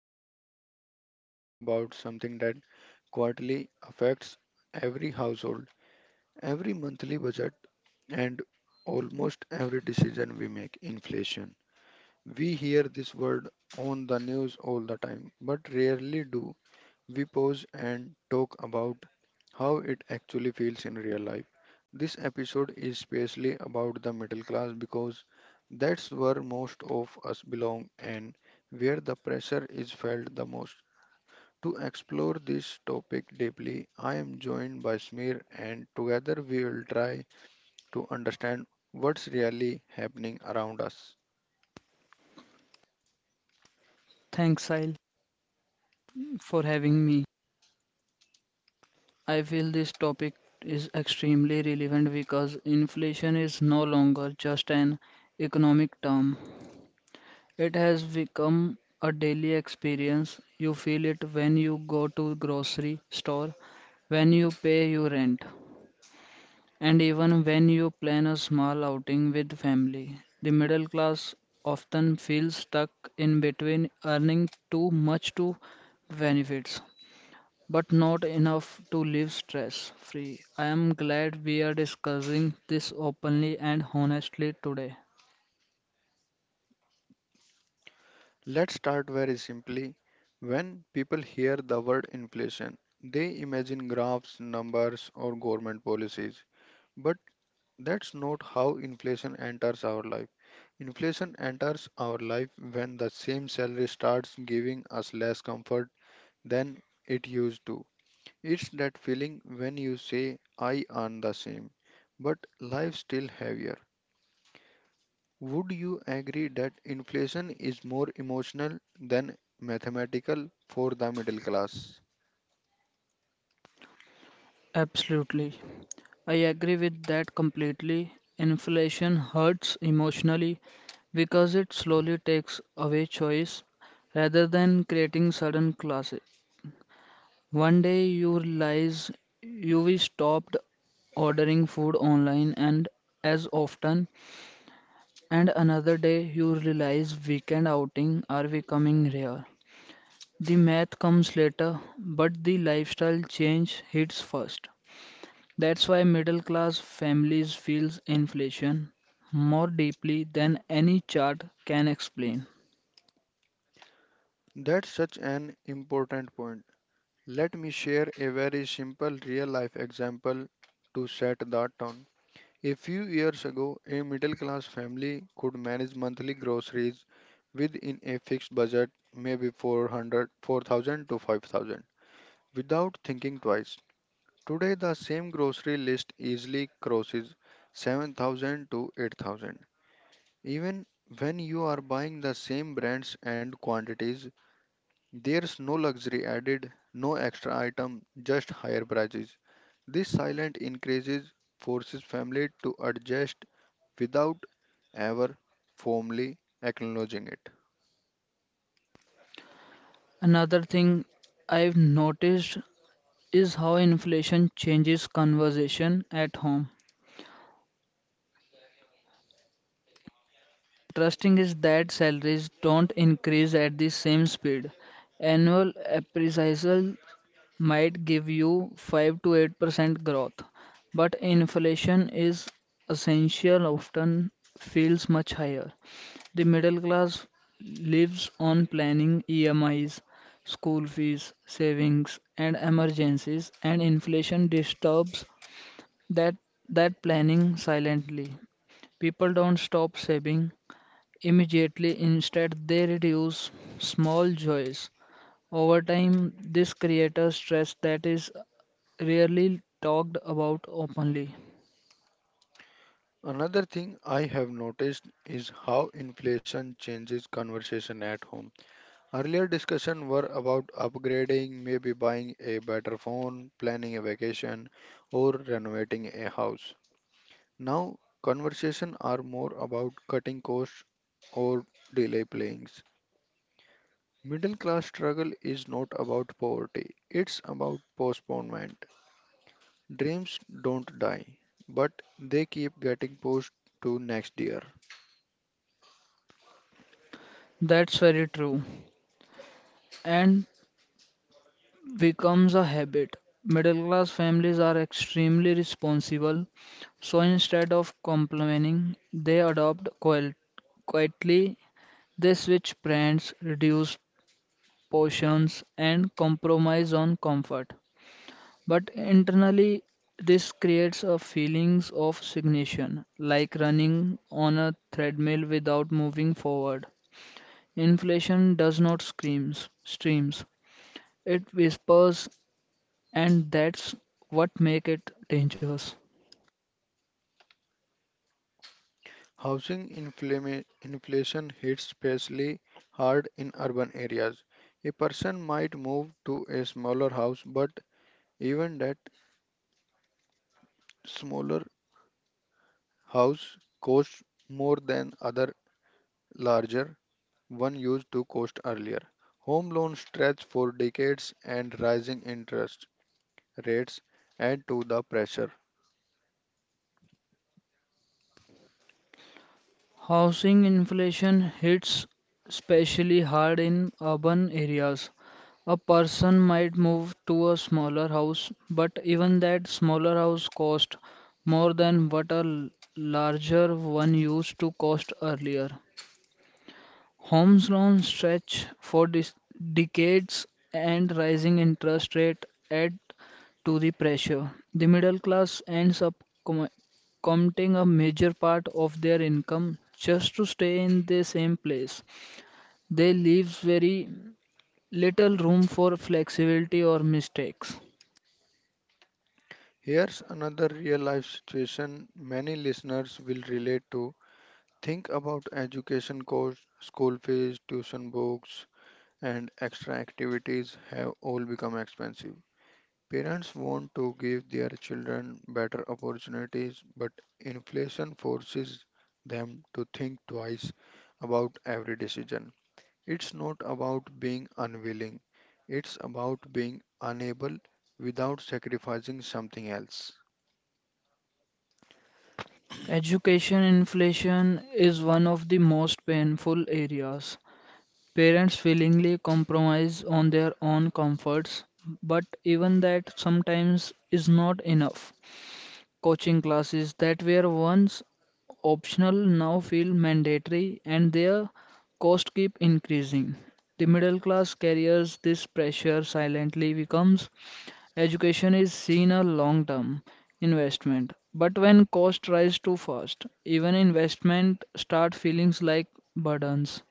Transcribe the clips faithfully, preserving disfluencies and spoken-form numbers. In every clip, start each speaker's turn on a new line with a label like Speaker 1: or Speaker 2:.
Speaker 1: and today we are talking about something that quietly affects every household, every monthly budget, and almost every decision we make inflation. We hear this word on the news all the time, but rarely do we pause and talk about how it actually feels in real life. This episode is especially about the middle class because that's where most of us belong and where the pressure is felt the most. To explore this topic deeply, I am joined by Smear and together we will try to understand what's really happening around us.
Speaker 2: Thanks, Sahil, for having me. I feel this topic is extremely relevant because inflation is no longer just an economic term. It has become a daily experience. You feel it when you go to grocery store, when you pay your rent, and even when you plan a small outing with family. The middle class often feels stuck in between earning too much to benefits but not enough to live stress free. I am glad we are discussing this openly and honestly today.
Speaker 1: Let's start very simply. When people hear the word inflation, they imagine graphs, numbers, or government policies. But that's not how inflation enters our life. Inflation enters our life when the same salary starts giving us less comfort than it used to. It's that feeling when you say, I earn the same, but life's still heavier. Would you agree that inflation is more emotional than mathematical for the middle class?
Speaker 2: Absolutely. I agree with that completely. Inflation hurts emotionally because it slowly takes away choice rather than creating sudden classes. One day you realize you stopped ordering food online and as often. And another day you realize weekend outing are becoming rare. The math comes later, but the lifestyle change hits first. That's why middle class families feels inflation more deeply than any chart can explain.
Speaker 1: That's such an important point. Let me share a very simple real life example to set that tone. A few years ago, a middle class family could manage monthly groceries within a fixed budget, maybe four hundred, four thousand to five thousand, without thinking twice. Today, the same grocery list easily crosses seven thousand to eight thousand. Even when you are buying the same brands and quantities, there's no luxury added, no extra item, just higher prices. This silent increases forces family to adjust without ever formally acknowledging it.
Speaker 2: Another thing I've noticed is how inflation changes conversation at home. Trusting is that salaries don't increase at the same speed. Annual appraisal might give you five to eight percent growth, but inflation is essential often feels much higher. The middle class lives on planning E M Is, school fees, savings, and emergencies, and inflation disturbs that that planning silently. People don't stop saving immediately, instead they reduce small joys. Over time, this creates stress that is rarely talked about openly.
Speaker 1: Another thing I have noticed is how inflation changes conversation at home. Earlier discussion were about upgrading, maybe buying a better phone, planning a vacation, or renovating a house. Now conversation are more about cutting costs or delay playings. Middle class struggle is not about poverty, it's about postponement. Dreams don't die, but they keep getting pushed to next year.
Speaker 2: That's very true. And becomes a habit. Middle class families are extremely responsible, so instead of complaining, they adopt quiet, quietly. They switch brands, reduce portions, and compromise on comfort. But internally, this creates a feelings of stagnation, like running on a treadmill without moving forward. Inflation does not screams, streams. It whispers and that's what make it dangerous.
Speaker 1: Housing inflama- inflation hits especially hard in urban areas. A person might move to a smaller house, but even that smaller house costs more than other larger one used to cost earlier. Home loans stretch for decades and rising interest rates add to the pressure.
Speaker 2: Housing inflation hits especially hard in urban areas. A person might move to a smaller house, but even that smaller house costs more than what a l- larger one used to cost earlier. Home's loan stretch for dis- decades and rising interest rate add to the pressure. The middle class ends up committing a major part of their income just to stay in the same place. They leaves very little room for flexibility or mistakes.
Speaker 1: Here's another real life situation many listeners will relate to. Think about education costs, school fees, tuition books, and extra activities have all become expensive. Parents want to give their children better opportunities, but inflation forces them to think twice about every decision. It's not about being unwilling, it's about being unable without sacrificing something else.
Speaker 2: Education inflation is one of the most painful areas. Parents willingly compromise on their own comforts, but even that sometimes is not enough. Coaching classes that were once optional now feel mandatory and their costs keep increasing. The middle class carries this pressure silently becomes education is seen a long term investment. But when cost rise too fast, even investment start feelings like burdens.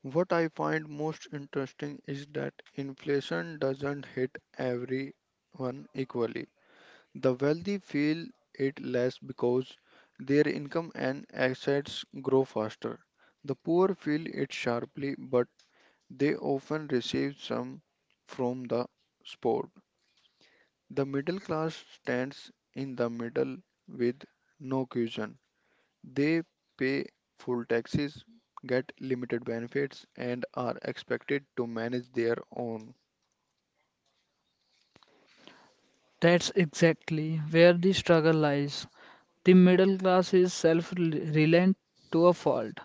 Speaker 1: What I find most interesting is that inflation doesn't hit everyone equally. The wealthy feel it less because their income and assets grow faster. The poor feel it sharply, but they often receive some from the sport. The middle class stands in the middle with no cushion. They pay full taxes, get limited benefits, and are expected to manage their own.
Speaker 2: That's exactly where the struggle lies. The middle class is self-reliant to a fault.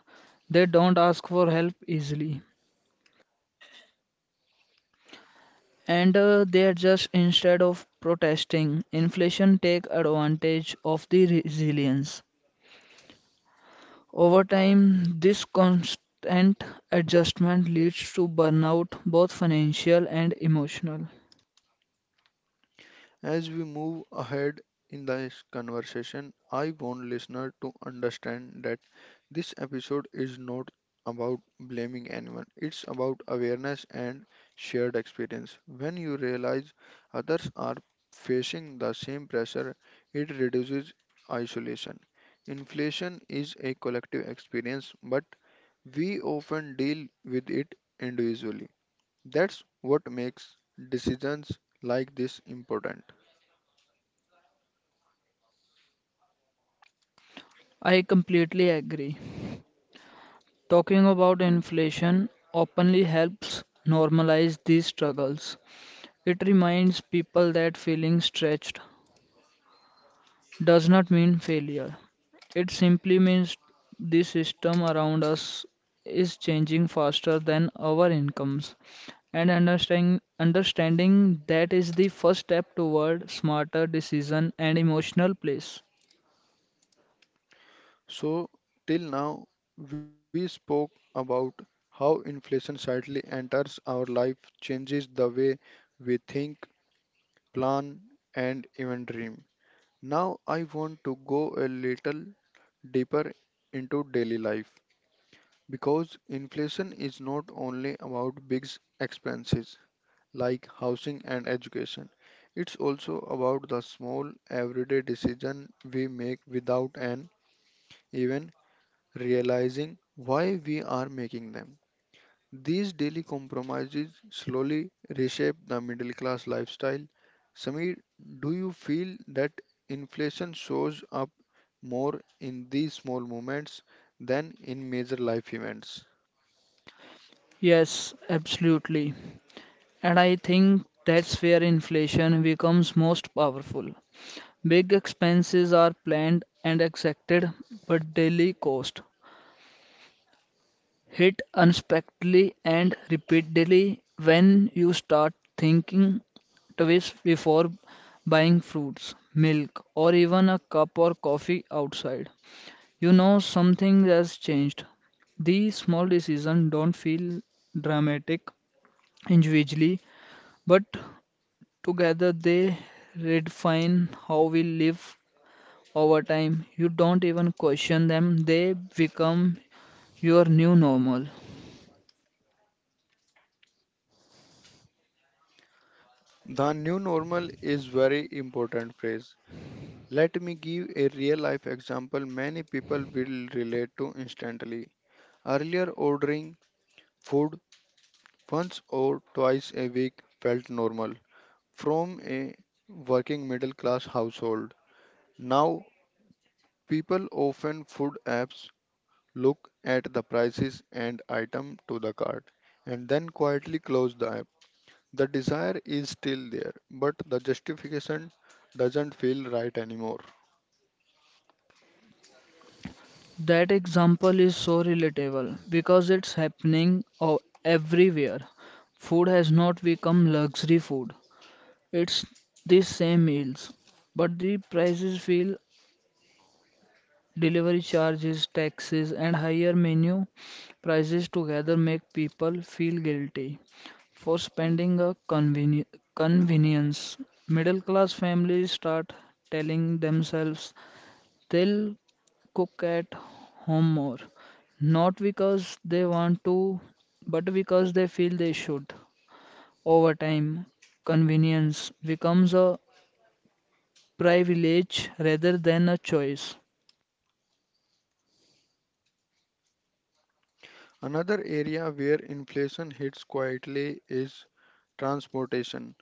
Speaker 2: They don't ask for help easily, and uh, they adjust instead of protesting. Inflation take advantage of the resilience. Over time, this constant adjustment leads to burnout, both financial and emotional.
Speaker 1: As we move ahead in this conversation, I want listeners to understand that this episode is not about blaming anyone. It's about awareness and shared experience. When you realize others are facing the same pressure, it reduces isolation. Inflation is a collective experience, but we often deal with it individually. That's what makes decisions like this important.
Speaker 2: I completely agree. Talking about inflation openly helps normalize these struggles. It reminds people that feeling stretched does not mean failure. It simply means the system around us is changing faster than our incomes. And understanding, understanding that is the first step toward smarter decision and emotional place.
Speaker 1: So, till now, we spoke about how inflation slightly enters our life, changes the way we think, plan, and even dream. Now, I want to go a little deeper into daily life because inflation is not only about big expenses like housing and education. It's also about the small everyday decision we make without an even realizing why we are making them. These daily compromises slowly reshape the middle class lifestyle. Samir, do you feel that inflation shows up more in these small moments than in major life events?
Speaker 2: Yes, absolutely. And I think that's where inflation becomes most powerful. Big expenses are planned and exacted, but daily costs hit unexpectedly and repeatedly when you start thinking twice before buying fruits, milk, or even a cup or coffee outside. You know something has changed. These small decisions don't feel dramatic individually, but together they redefine how we live. Over time, you don't even question them, they become your new normal.
Speaker 1: The new normal is very important phrase. Let me give a real life example many people will relate to instantly. Earlier ordering food once or twice a week felt normal. From a working middle class household. Now, people often food apps look at the prices and item to the cart and then quietly close the app. The desire is still there, but the justification doesn't feel right anymore.
Speaker 2: That example is so relatable because it's happening o- everywhere. Food has not become luxury food, it's the same meals, but the prices feel. Delivery charges, taxes, and higher menu prices together make people feel guilty for spending a conveni- convenience. Middle class families start telling themselves they'll cook at home more, not because they want to, but because they feel they should. Over time, convenience becomes a privilege rather than a choice.
Speaker 1: Another area where inflation hits quietly is transportation.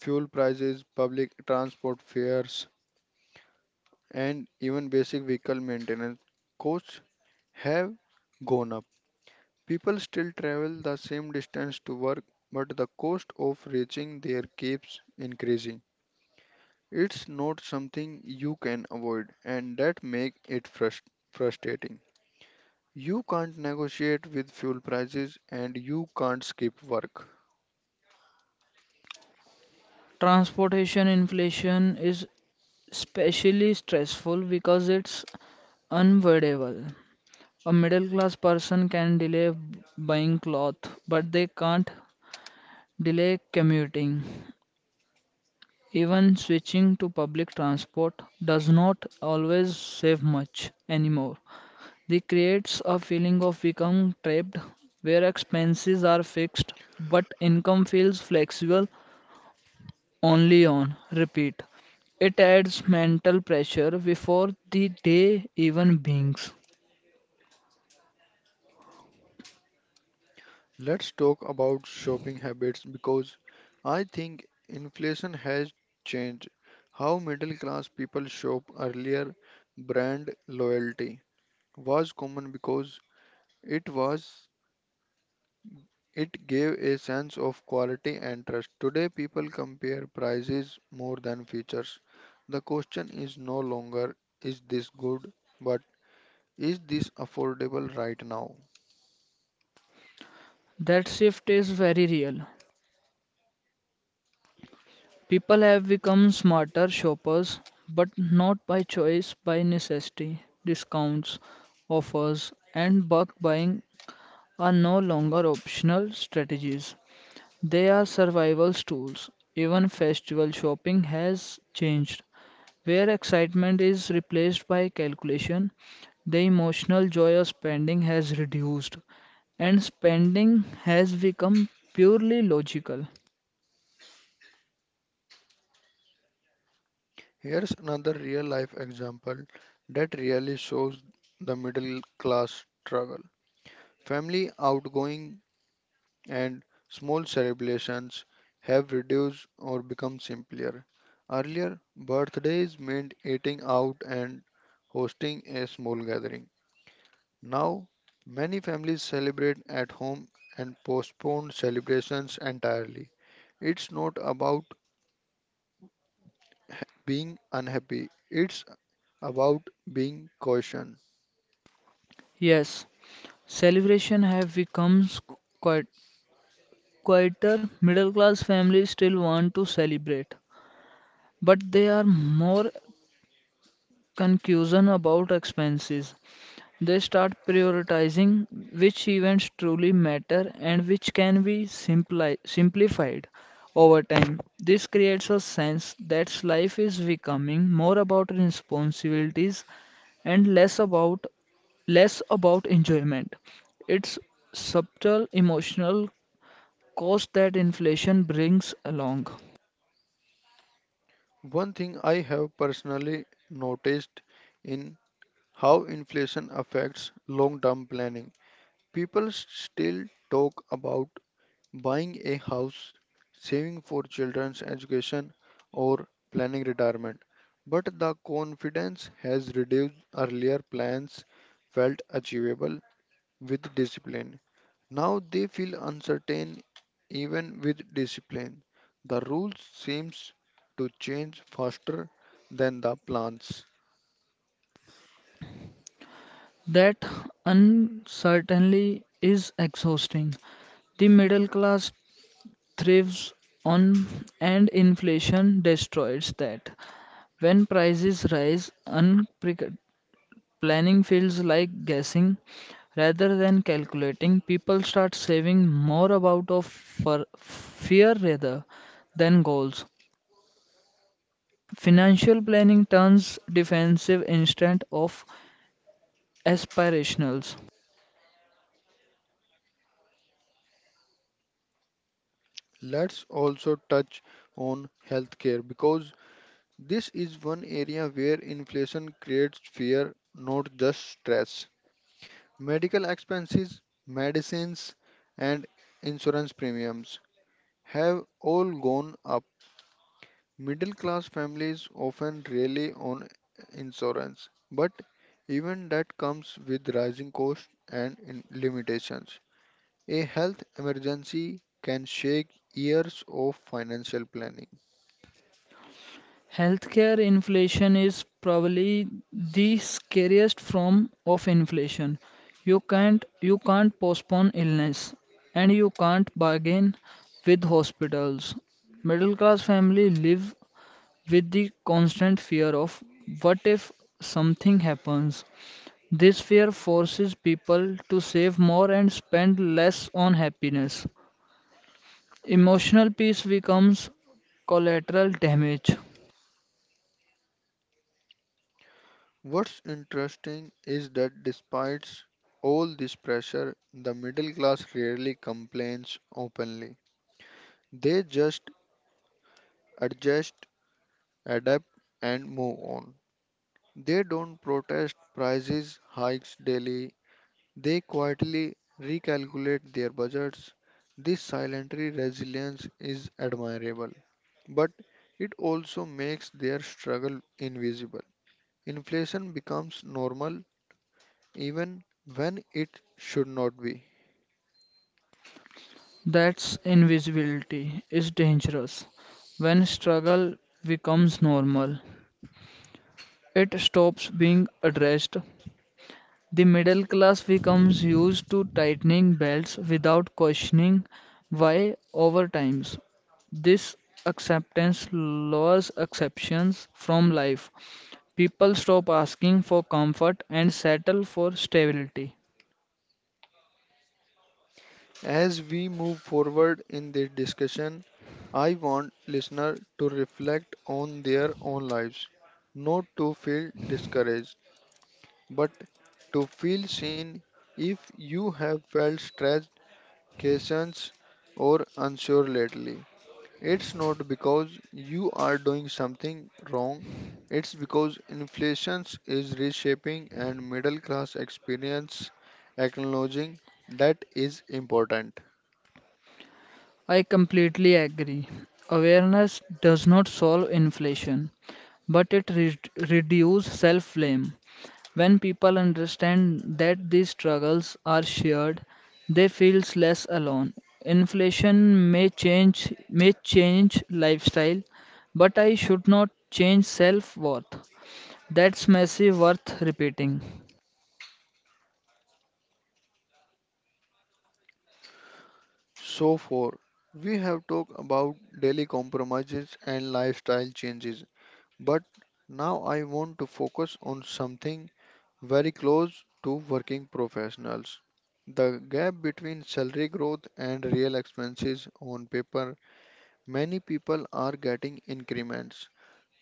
Speaker 1: Fuel prices, public transport fares, and even basic vehicle maintenance costs have gone up. People still travel the same distance to work, but the cost of reaching there keeps increasing. It's not something you can avoid, and that makes it frust- frustrating. You can't negotiate with fuel prices and you can't skip work.
Speaker 2: Transportation inflation is especially stressful because it's unavoidable. A middle class person can delay buying cloth, but they can't delay commuting. Even switching to public transport does not always save much anymore. This creates a feeling of becoming trapped where expenses are fixed but income feels flexible only on repeat. It adds mental pressure before the day even begins.
Speaker 1: Let's talk about shopping habits because I think inflation has changed how middle class people shop earlier. Brand loyalty was common because it was it gave a sense of quality and trust. Today, people compare prices more than features. The question is no longer is this good, but is this affordable right now?
Speaker 2: That shift is very real. People have become smarter shoppers, but not by choice, by necessity. Discounts, offers, and bulk buying are no longer optional strategies. They are survival tools. Even festival shopping has changed, where excitement is replaced by calculation. The emotional joy of spending has reduced, and spending has become purely logical.
Speaker 1: Here's another real life example that really shows the middle class struggle. Family outgoing and small celebrations have reduced or become simpler. Earlier, birthdays meant eating out and hosting a small gathering. Now, many families celebrate at home and postpone celebrations entirely. It's not about ha- being unhappy, it's about being cautious.
Speaker 2: Yes, celebration have become quiet, quieter. Middle class families still want to celebrate, but they are more confusion about expenses. They start prioritizing which events truly matter and which can be simpli- simplified over time. This creates a sense that life is becoming more about responsibilities and less about less about enjoyment. It's subtle emotional cost that inflation brings along.
Speaker 1: One thing I have personally noticed in how inflation affects long term planning. People s- still talk about buying a house, saving for children's education, or planning retirement, but the confidence has reduced. Earlier plans felt achievable with discipline. Now they feel uncertain even with discipline. The rules seems to change faster than the plans.
Speaker 2: That uncertainty is exhausting. The middle class thrives on and inflation destroys that. When prices rise, unpre- planning feels like guessing rather than calculating. People start saving more about of for fear rather than goals. Financial planning turns defensive instead of aspirationals.
Speaker 1: Let's also touch on healthcare because this is one area where inflation creates fear, not just stress. Medical expenses, medicines, and insurance premiums have all gone up. Middle class families often rely on insurance, but even that comes with rising costs and in- limitations. A health emergency can shake years of financial planning.
Speaker 2: Healthcare inflation is probably the scariest form of inflation. You can't you can't postpone illness and you can't bargain with hospitals. Middle class family live with the constant fear of what if something happens. This fear forces people to save more and spend less on happiness. Emotional peace becomes collateral damage.
Speaker 1: What's interesting is that despite all this pressure, the middle class rarely complains openly. They just adjust, adapt, and move on. They don't protest prices hikes daily. They quietly recalculate their budgets. This silent resilience is admirable, but it also makes their struggle invisible. Inflation becomes normal even when it should not be.
Speaker 2: That's invisibility is dangerous. When struggle becomes normal, it stops being addressed. The middle class becomes used to tightening belts without questioning why over times. This acceptance lowers exceptions from life. People stop asking for comfort and settle for stability.
Speaker 1: As we move forward in this discussion, I want listeners to reflect on their own lives, not to feel discouraged, but to feel seen if you have felt stressed, questions, or unsure lately. It's not because you are doing something wrong, it's because inflation is reshaping and middle class experience acknowledging that is important.
Speaker 2: I completely agree. Awareness does not solve inflation, but it re- reduces self blame. When people understand that these struggles are shared, they feel less alone. Inflation may change may change lifestyle, but I should not change self worth. That's massive worth repeating.
Speaker 1: So far, we have talked about daily compromises and lifestyle changes, but now I want to focus on something very close to working professionals. The gap between salary growth and real expenses on paper. Many people are getting increments,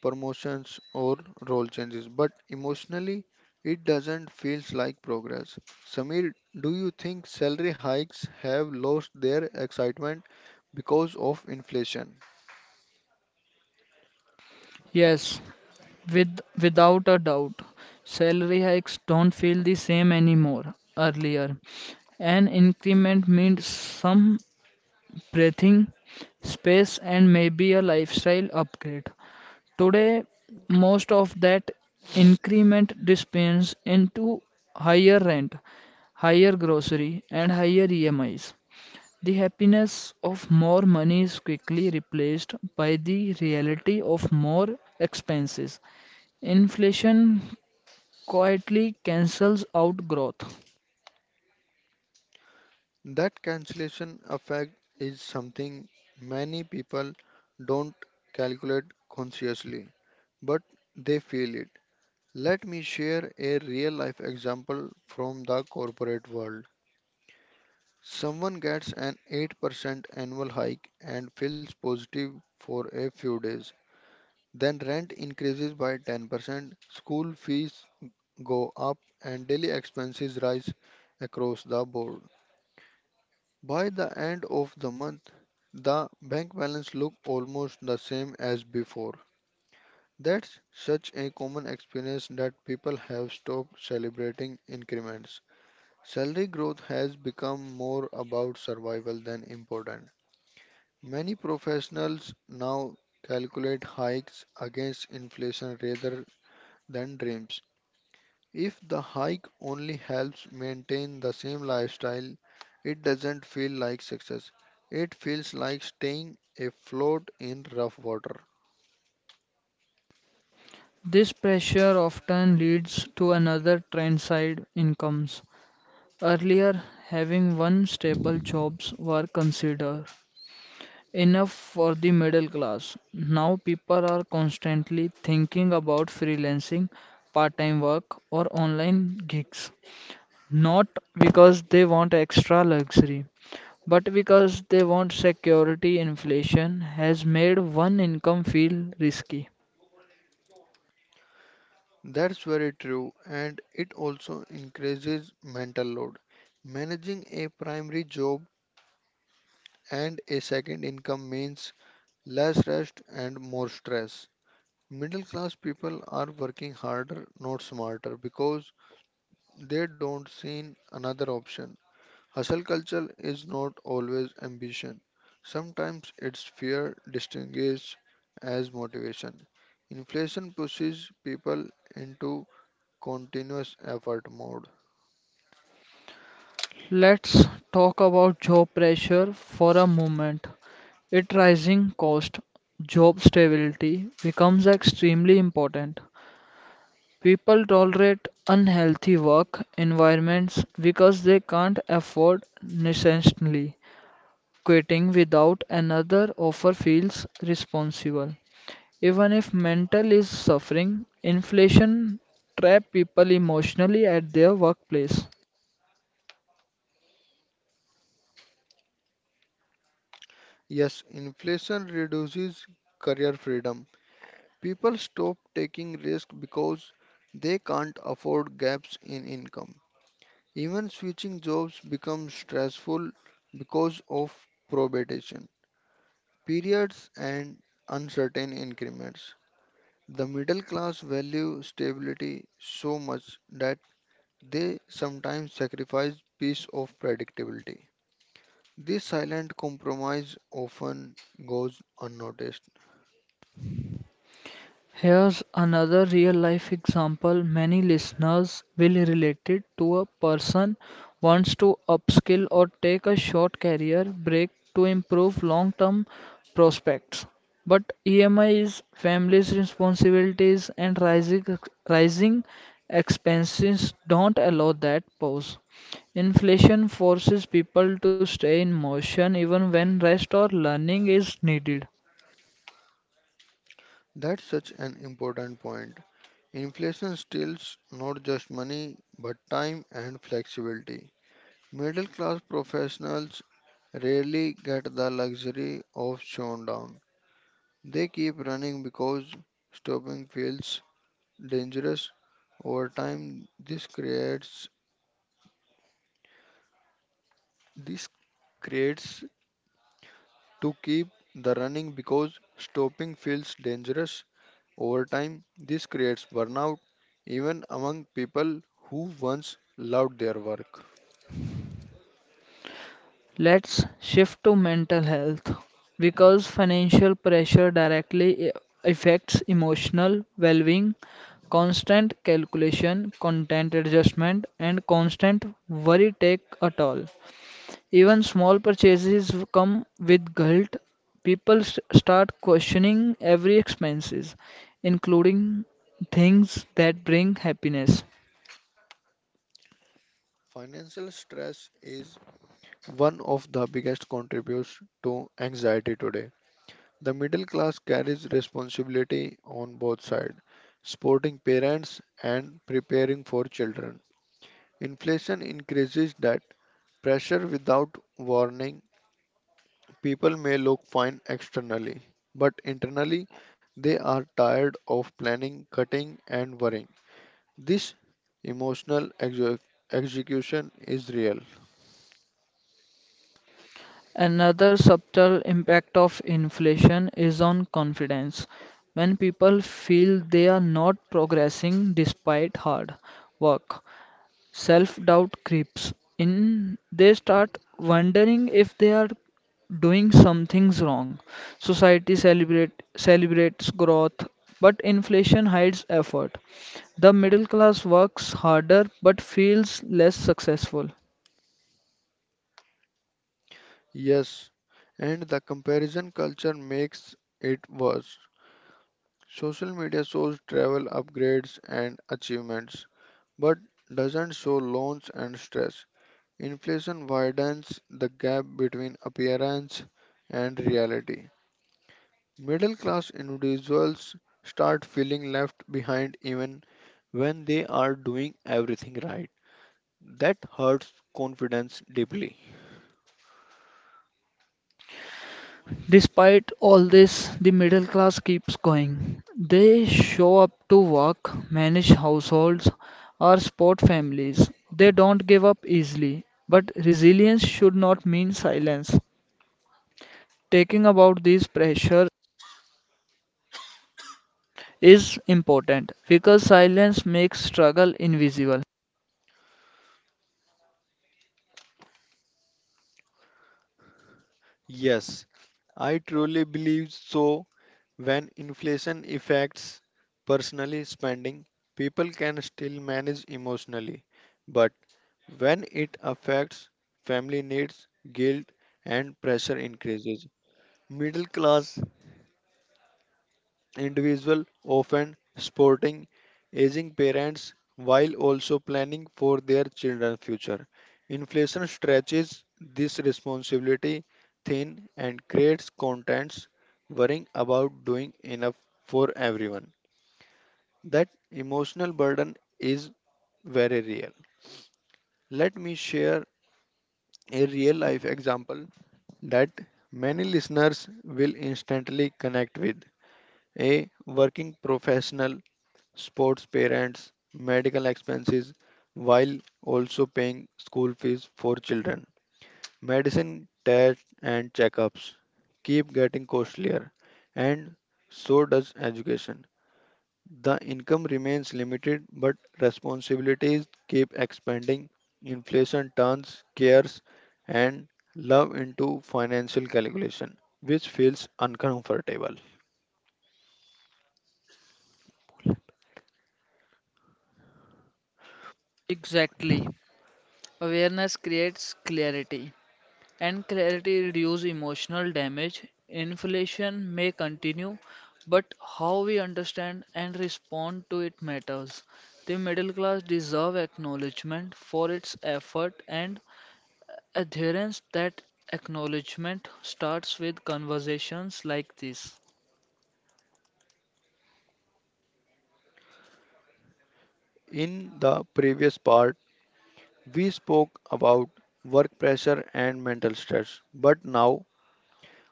Speaker 1: promotions, or role changes, but emotionally, it doesn't feel like progress. Samir, do you think salary hikes have lost their excitement because of inflation?
Speaker 2: Yes, with without a doubt, salary hikes don't feel the same anymore earlier. An increment meant some breathing space and maybe a lifestyle upgrade. Today, most of that increment dispense into higher rent, higher grocery, and higher E M Is. The happiness of more money is quickly replaced by the reality of more expenses. Inflation quietly cancels out growth.
Speaker 1: That cancellation effect is something many people don't calculate consciously, but they feel it. Let me share a real life example from the corporate world. Someone gets an eight percent annual hike and feels positive for a few days. Then rent increases by ten percent, school fees go up, and daily expenses rise across the board. By the end of the month, the bank balance looks almost the same as before. That's such a common experience that people have stopped celebrating increments. Salary growth has become more about survival than important. Many professionals now calculate hikes against inflation rather than dreams. If the hike only helps maintain the same lifestyle, it doesn't feel like success. It feels like staying afloat in rough water.
Speaker 2: This pressure often leads to another trend side incomes. Earlier, having one stable jobs were considered enough for the middle class. Now people are constantly thinking about freelancing, part-time work, or online gigs. Not because they want extra luxury, but because they want security. Inflation has made one income feel risky.
Speaker 1: That's very true, and it also increases mental load. Managing a primary job and a second income means less rest and more stress. Middle class people are working harder, not smarter, because they don't see another option. Hustle culture is not always ambition. Sometimes it's fear disguised as motivation. Inflation pushes people into continuous effort mode.
Speaker 2: Let's talk about job pressure for a moment. It rising cost, job stability becomes extremely important. People tolerate unhealthy work environments because they can't afford necessarily. Quitting without another offer feels responsible. Even if mental is suffering, inflation trap people emotionally at their workplace.
Speaker 1: Yes, inflation reduces career freedom. People stop taking risks because they can't afford gaps in income. Even switching jobs becomes stressful because of probation periods and uncertain increments. The middle class value stability so much that they sometimes sacrifice peace of predictability. This silent compromise often goes unnoticed.
Speaker 2: Here's another real-life example many listeners will relate it to: a person wants to upskill or take a short career break to improve long-term prospects. But E M Is, family's responsibilities, and rising rising expenses don't allow that pause. Inflation forces people to stay in motion even when rest or learning is needed.
Speaker 1: That's such an important point. Inflation steals not just money but time and flexibility. Middle class professionals rarely get the luxury of showdown. They keep running because stopping feels dangerous. Over time, this creates this creates to keep the running because stopping feels dangerous. Over time, this creates burnout even among people who once loved their work.
Speaker 2: Let's shift to mental health because financial pressure directly i- affects emotional well being. Constant calculation, content adjustment, and constant worry take a toll. Even small purchases come with guilt. People s- start questioning every expenses, including things that bring happiness.
Speaker 1: Financial stress is one of the biggest contributors to anxiety today. The middle class carries responsibility on both sides, supporting parents and preparing for children. Inflation increases that pressure without warning. People may look fine externally, but internally they are tired of planning, cutting, and worrying. This emotional exec- execution is real.
Speaker 2: Another subtle impact of inflation is on confidence. When people feel they are not progressing despite hard work, self-doubt creeps in. They start wondering if they are doing something's wrong. Society celebrate celebrates growth, but inflation hides effort. The middle class works harder but feels less successful.
Speaker 1: Yes, and the comparison culture makes it worse. Social media shows travel upgrades and achievements, but doesn't show loans and stress. Inflation widens the gap between appearance and reality. Middle class individuals start feeling left behind even when they are doing everything right. That hurts confidence deeply.
Speaker 2: Despite all this, the middle class keeps going. They show up to work, manage households, or support families. They don't give up easily. But resilience should not mean silence. Taking about these pressures is important because silence makes struggle invisible.
Speaker 1: Yes, I truly believe so. When inflation affects personally spending, people can still manage emotionally. But when it affects family needs, guilt and pressure increases. Middle class individual often supporting aging parents while also planning for their children's future. Inflation stretches this responsibility thin and creates contents worrying about doing enough for everyone. That emotional burden is very real. Let me share a real life example that many listeners will instantly connect with. A working professional, sports parents, medical expenses, while also paying school fees for children. Medicine, tests, and checkups keep getting costlier, and so does education. The income remains limited, but responsibilities keep expanding. Inflation turns cares and love into financial calculation, which feels uncomfortable.
Speaker 2: Exactly. Awareness creates clarity and clarity reduce emotional damage. Inflation may continue, but how we understand and respond to it matters. The middle class deserve acknowledgement for its effort and adherence that acknowledgement starts with conversations like this.
Speaker 1: In the previous part, we spoke about work pressure and mental stress, but now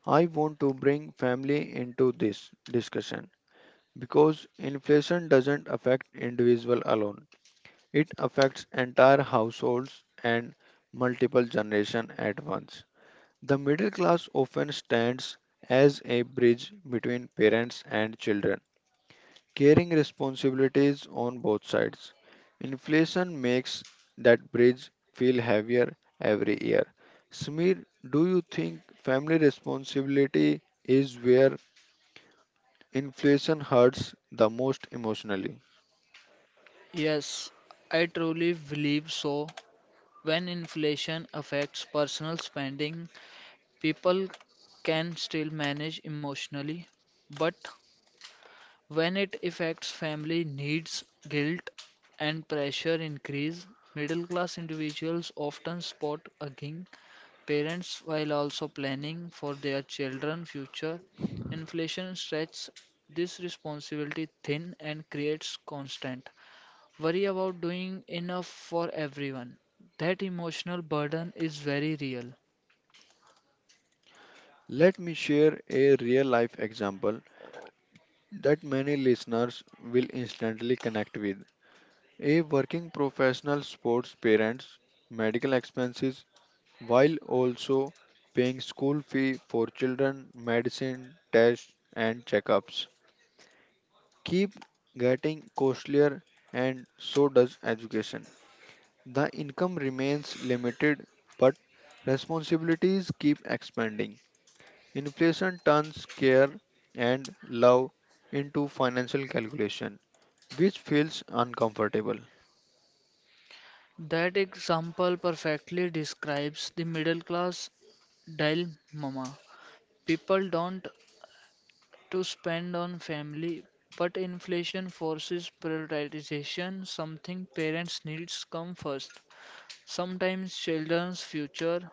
Speaker 1: I want to bring family into this discussion because inflation doesn't affect individual alone. It affects entire households and multiple generations at once. The middle class often stands as a bridge between parents and children, carrying responsibilities on both sides. Inflation makes that bridge feel heavier every year. Smir, do you think family responsibility is where inflation hurts the most emotionally?
Speaker 2: Yes, I truly believe so. When inflation affects personal spending, people can still manage emotionally, but when it affects family needs, guilt and pressure increase. Middle-class individuals often spot aging parents while also planning for their children's future. Inflation stretches this responsibility thin and creates constant worry about doing enough for everyone. That emotional burden is very real.
Speaker 1: Let me share a real life example that many listeners will instantly connect with. A working professional sports parents medical expenses while also paying school fee for children, medicine, tests and checkups keep getting costlier and so does education. The income remains limited but responsibilities keep expanding. Inflation turns care and love into financial calculation, which feels uncomfortable.
Speaker 2: That example perfectly describes the middle class dilemma. People don't to spend on family, but inflation forces prioritization, something parents' needs come first. Sometimes children's future,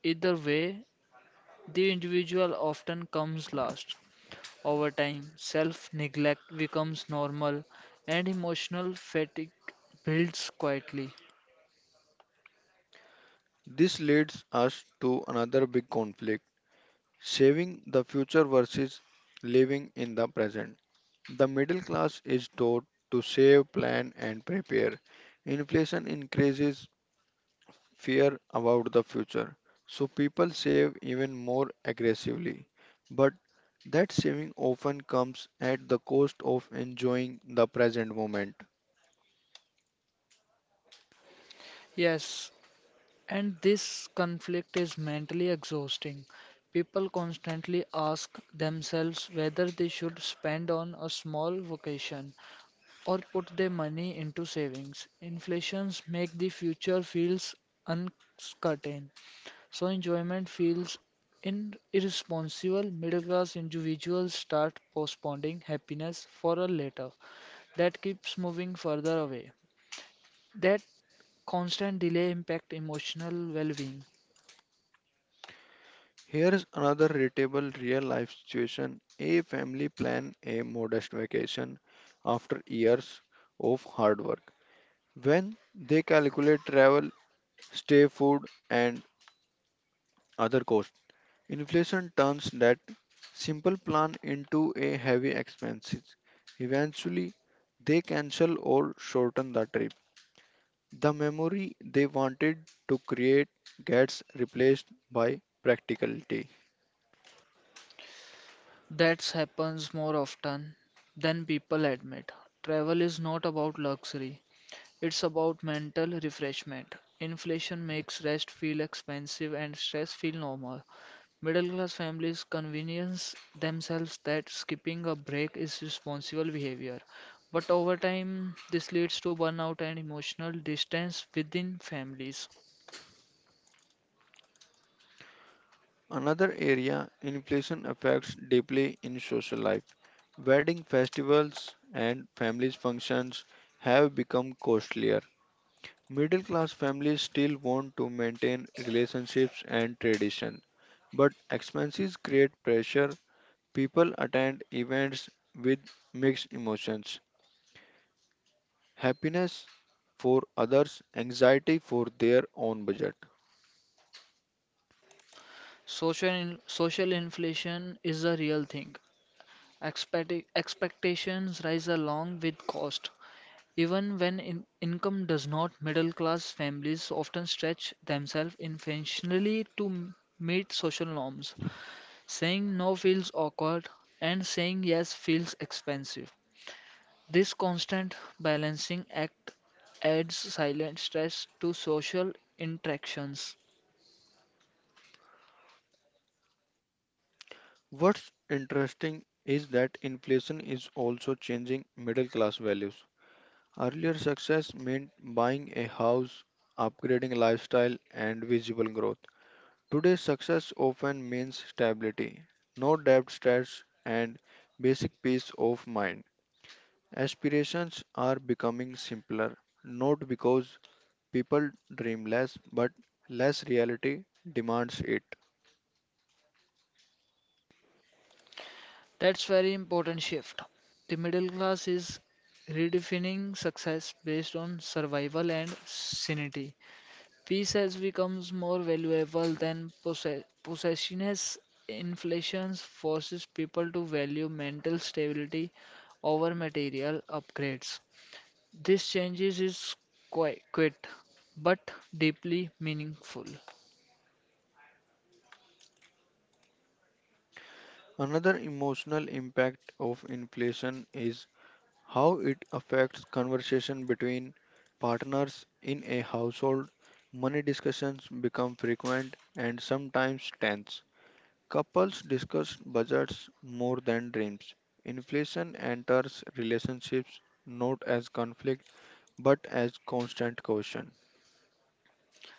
Speaker 2: either way, the individual often comes last. Over time, self neglect becomes normal and emotional fatigue builds quietly.
Speaker 1: This leads us to another big conflict saving the future versus living in the present. The middle class is taught to save, plan, and prepare. Inflation increases fear about the future. So people save even more aggressively. But that saving often comes at the cost of enjoying the present moment.
Speaker 2: Yes, and this conflict is mentally exhausting. People constantly ask themselves whether they should spend on a small vacation or put their money into savings. Inflations make the future feels uncertain, so enjoyment feels in irresponsible. Middle class individuals start postponing happiness for a later that keeps moving further away. That constant delay impact emotional well-being.
Speaker 1: Here's another relatable real life situation. A family plan a modest vacation after years of hard work. When they calculate travel, stay, food, and other costs, inflation turns that simple plan into a heavy expenses. Eventually, they cancel or shorten the trip. The memory they wanted to create gets replaced by practicality.
Speaker 2: That happens more often than people admit. Travel is not about luxury, it's about mental refreshment. Inflation makes rest feel expensive and stress feel normal. Middle class families convince themselves that skipping a break is responsible behavior. But over time, this leads to burnout and emotional distance within families.
Speaker 1: Another area inflation affects deeply in social life. Wedding festivals and families functions have become costlier. Middle class families still want to maintain relationships and tradition, but expenses create pressure. People attend events with mixed emotions, happiness for others, anxiety for their own budget.
Speaker 2: Social in- social inflation is a real thing. Expecti- expectations rise along with cost. Even when in- income does not, middle class families often stretch themselves intentionally to m- meet social norms. Saying no feels awkward, and saying yes feels expensive. This constant balancing act adds silent stress to social interactions.
Speaker 1: What's interesting is that inflation is also changing middle class values. Earlier success meant buying a house, upgrading lifestyle, and visible growth. Today, success often means stability, no debt stress, and basic peace of mind. Aspirations are becoming simpler, not because people dream less, but less reality demands it.
Speaker 2: That's very important shift. The middle class is redefining success based on survival and sanity. Peace has become more valuable than possess- possession as inflation forces people to value mental stability over material upgrades. This changes is quite quiet but deeply meaningful.
Speaker 1: Another emotional impact of inflation is how it affects conversation between partners in a household. Money discussions become frequent and sometimes tense. Couples discuss budgets more than dreams. Inflation enters relationships not as conflict but as constant caution.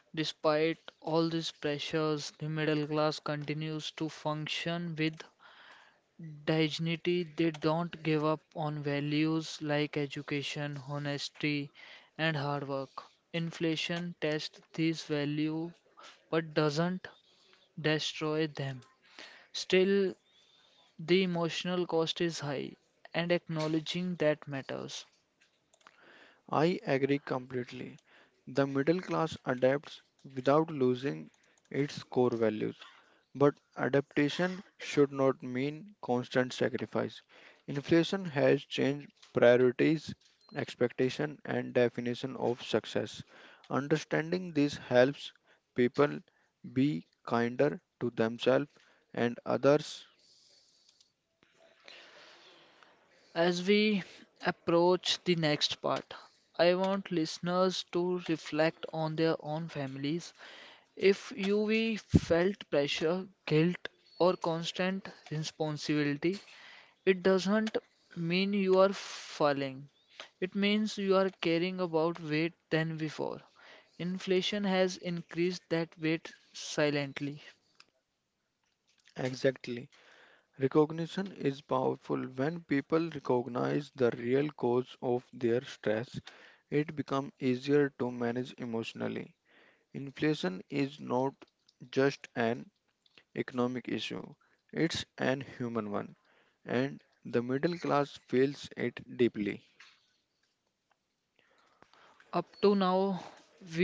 Speaker 2: Despite all these pressures, the middle class continues to function with dignity, they don't give up on values like education, honesty, and hard work. Inflation tests these values but doesn't destroy them. Still, the emotional cost is high, and acknowledging that matters.
Speaker 1: I agree completely. The middle class adapts without losing its core values. But adaptation should not mean constant sacrifice. Inflation has changed priorities, expectation, and definition of success. Understanding this helps people be kinder to themselves and others.
Speaker 2: As we approach the next part, I want listeners to reflect on their own families. If you Yuvi felt pressure, guilt, or constant responsibility, it doesn't mean you are falling. It means you are caring about weight than before. Inflation has increased that weight silently.
Speaker 1: Exactly. Recognition is powerful. When people recognize the real cause of their stress, it becomes easier to manage emotionally. Inflation is not just an economic issue, it's an human one, and the middle class feels it deeply.
Speaker 2: Up to now, we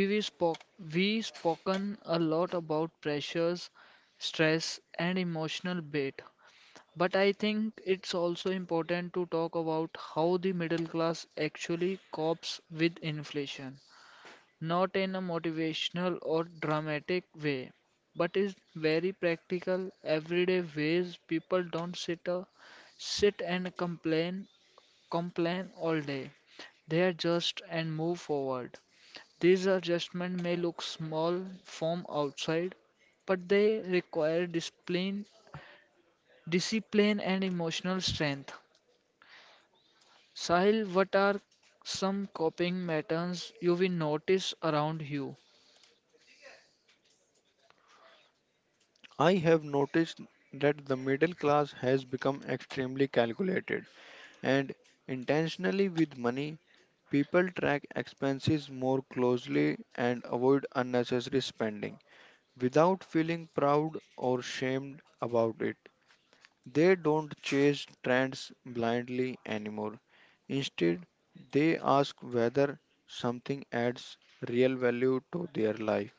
Speaker 1: I have noticed that the middle class has become extremely calculated and intentionally with money. People track expenses more closely and avoid unnecessary spending without feeling proud or shamed about it. They don't chase trends blindly anymore. Instead, they ask whether something adds real value to their life.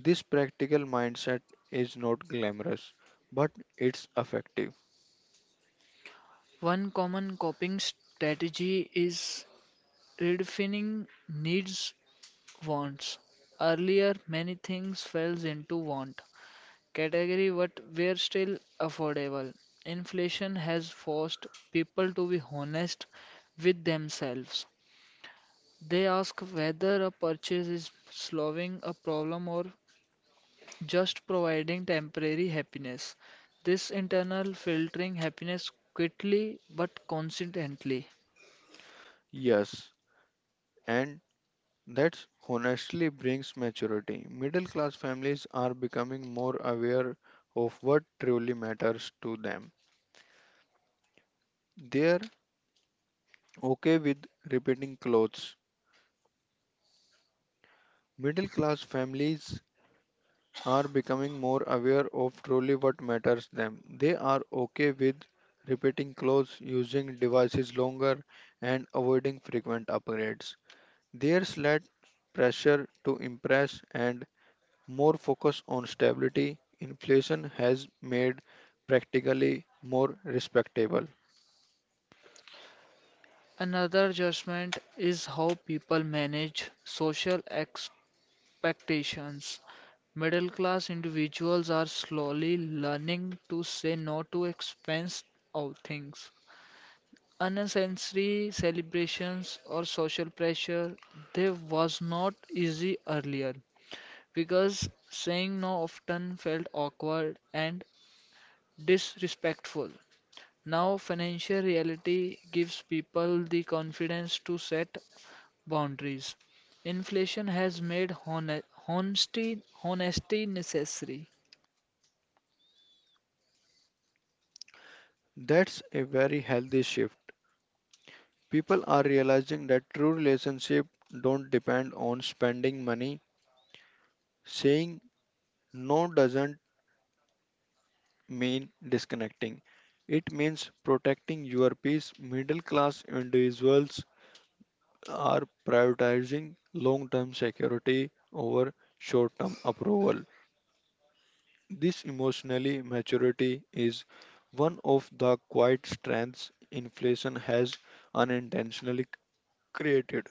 Speaker 1: This practical mindset is not glamorous, but it's effective. Yes, and that honestly brings maturity. Middle class families are becoming more aware of what truly matters to them. They're okay with repeating clothes. Middle class families are becoming more aware of truly what matters them. They are okay with repeating clothes, using devices longer, and avoiding frequent upgrades. There's less pressure to impress and more focus on stability. Inflation has made practically more respectable. That's a very healthy shift. People are realizing that true relationships don't depend on spending money. Saying no doesn't mean disconnecting. It means protecting your peace. Middle class individuals are prioritizing long term security over short term approval. This emotionally maturity is one of the quiet strengths inflation has unintentionally created.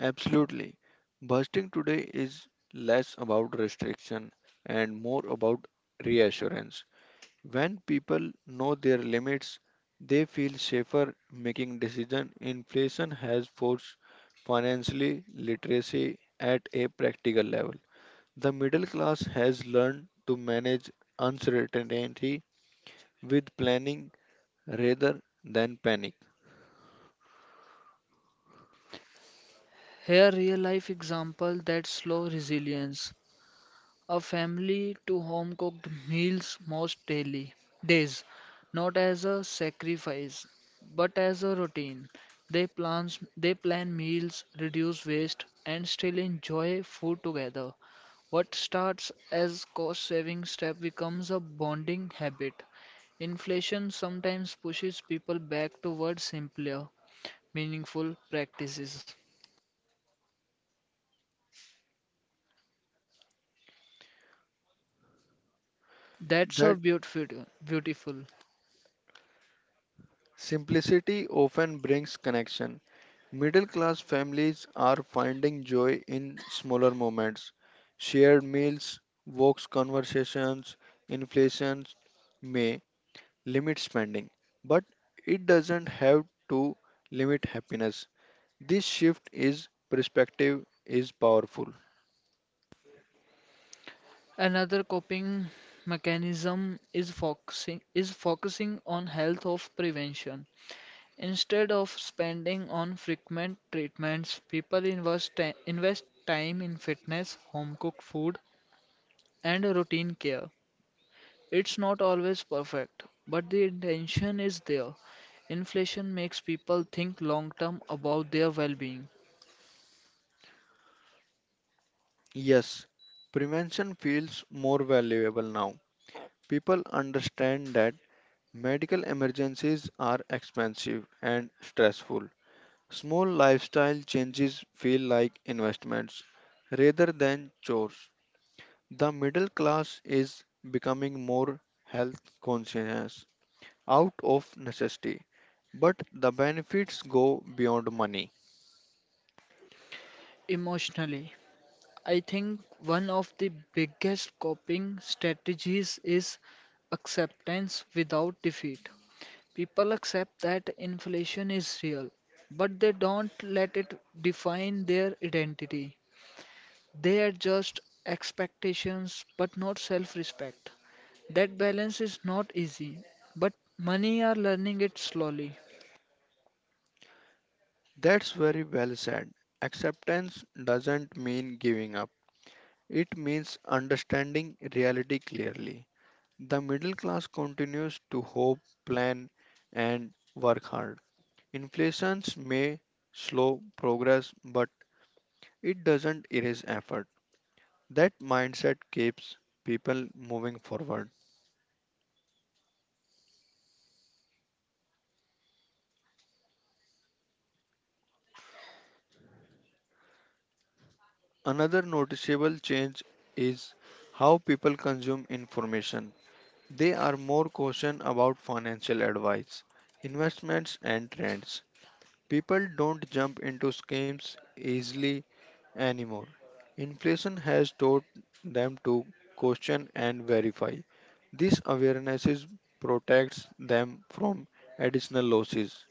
Speaker 1: Absolutely. Busting today is less about restriction and more about reassurance. When people know their limits, they feel safer making decisions. Inflation has forced financially literacy at a practical level. The middle class has learned to manage uncertainty with planning rather than panic. That simplicity often brings connection. Middle class families are finding joy in smaller moments. Shared meals, walks, conversations, inflation may limit spending, but it doesn't have to limit happiness. This shift is perspective is powerful. Yes, prevention feels more valuable now. People understand that medical emergencies are expensive and stressful. Small lifestyle changes feel like investments rather than chores. The middle class is becoming more health conscious out of necessity, but the benefits go beyond money. That's very well said. Acceptance doesn't mean giving up, it means understanding reality clearly. The middle class continues to hope, plan, and work hard. Inflations may slow progress, but it doesn't erase effort. That mindset keeps people moving forward. Another noticeable change is how people consume information. They are more cautious about financial advice, investments, and trends. People don't jump into schemes easily anymore. Inflation has taught them to question and verify. This awareness protects them from additional losses.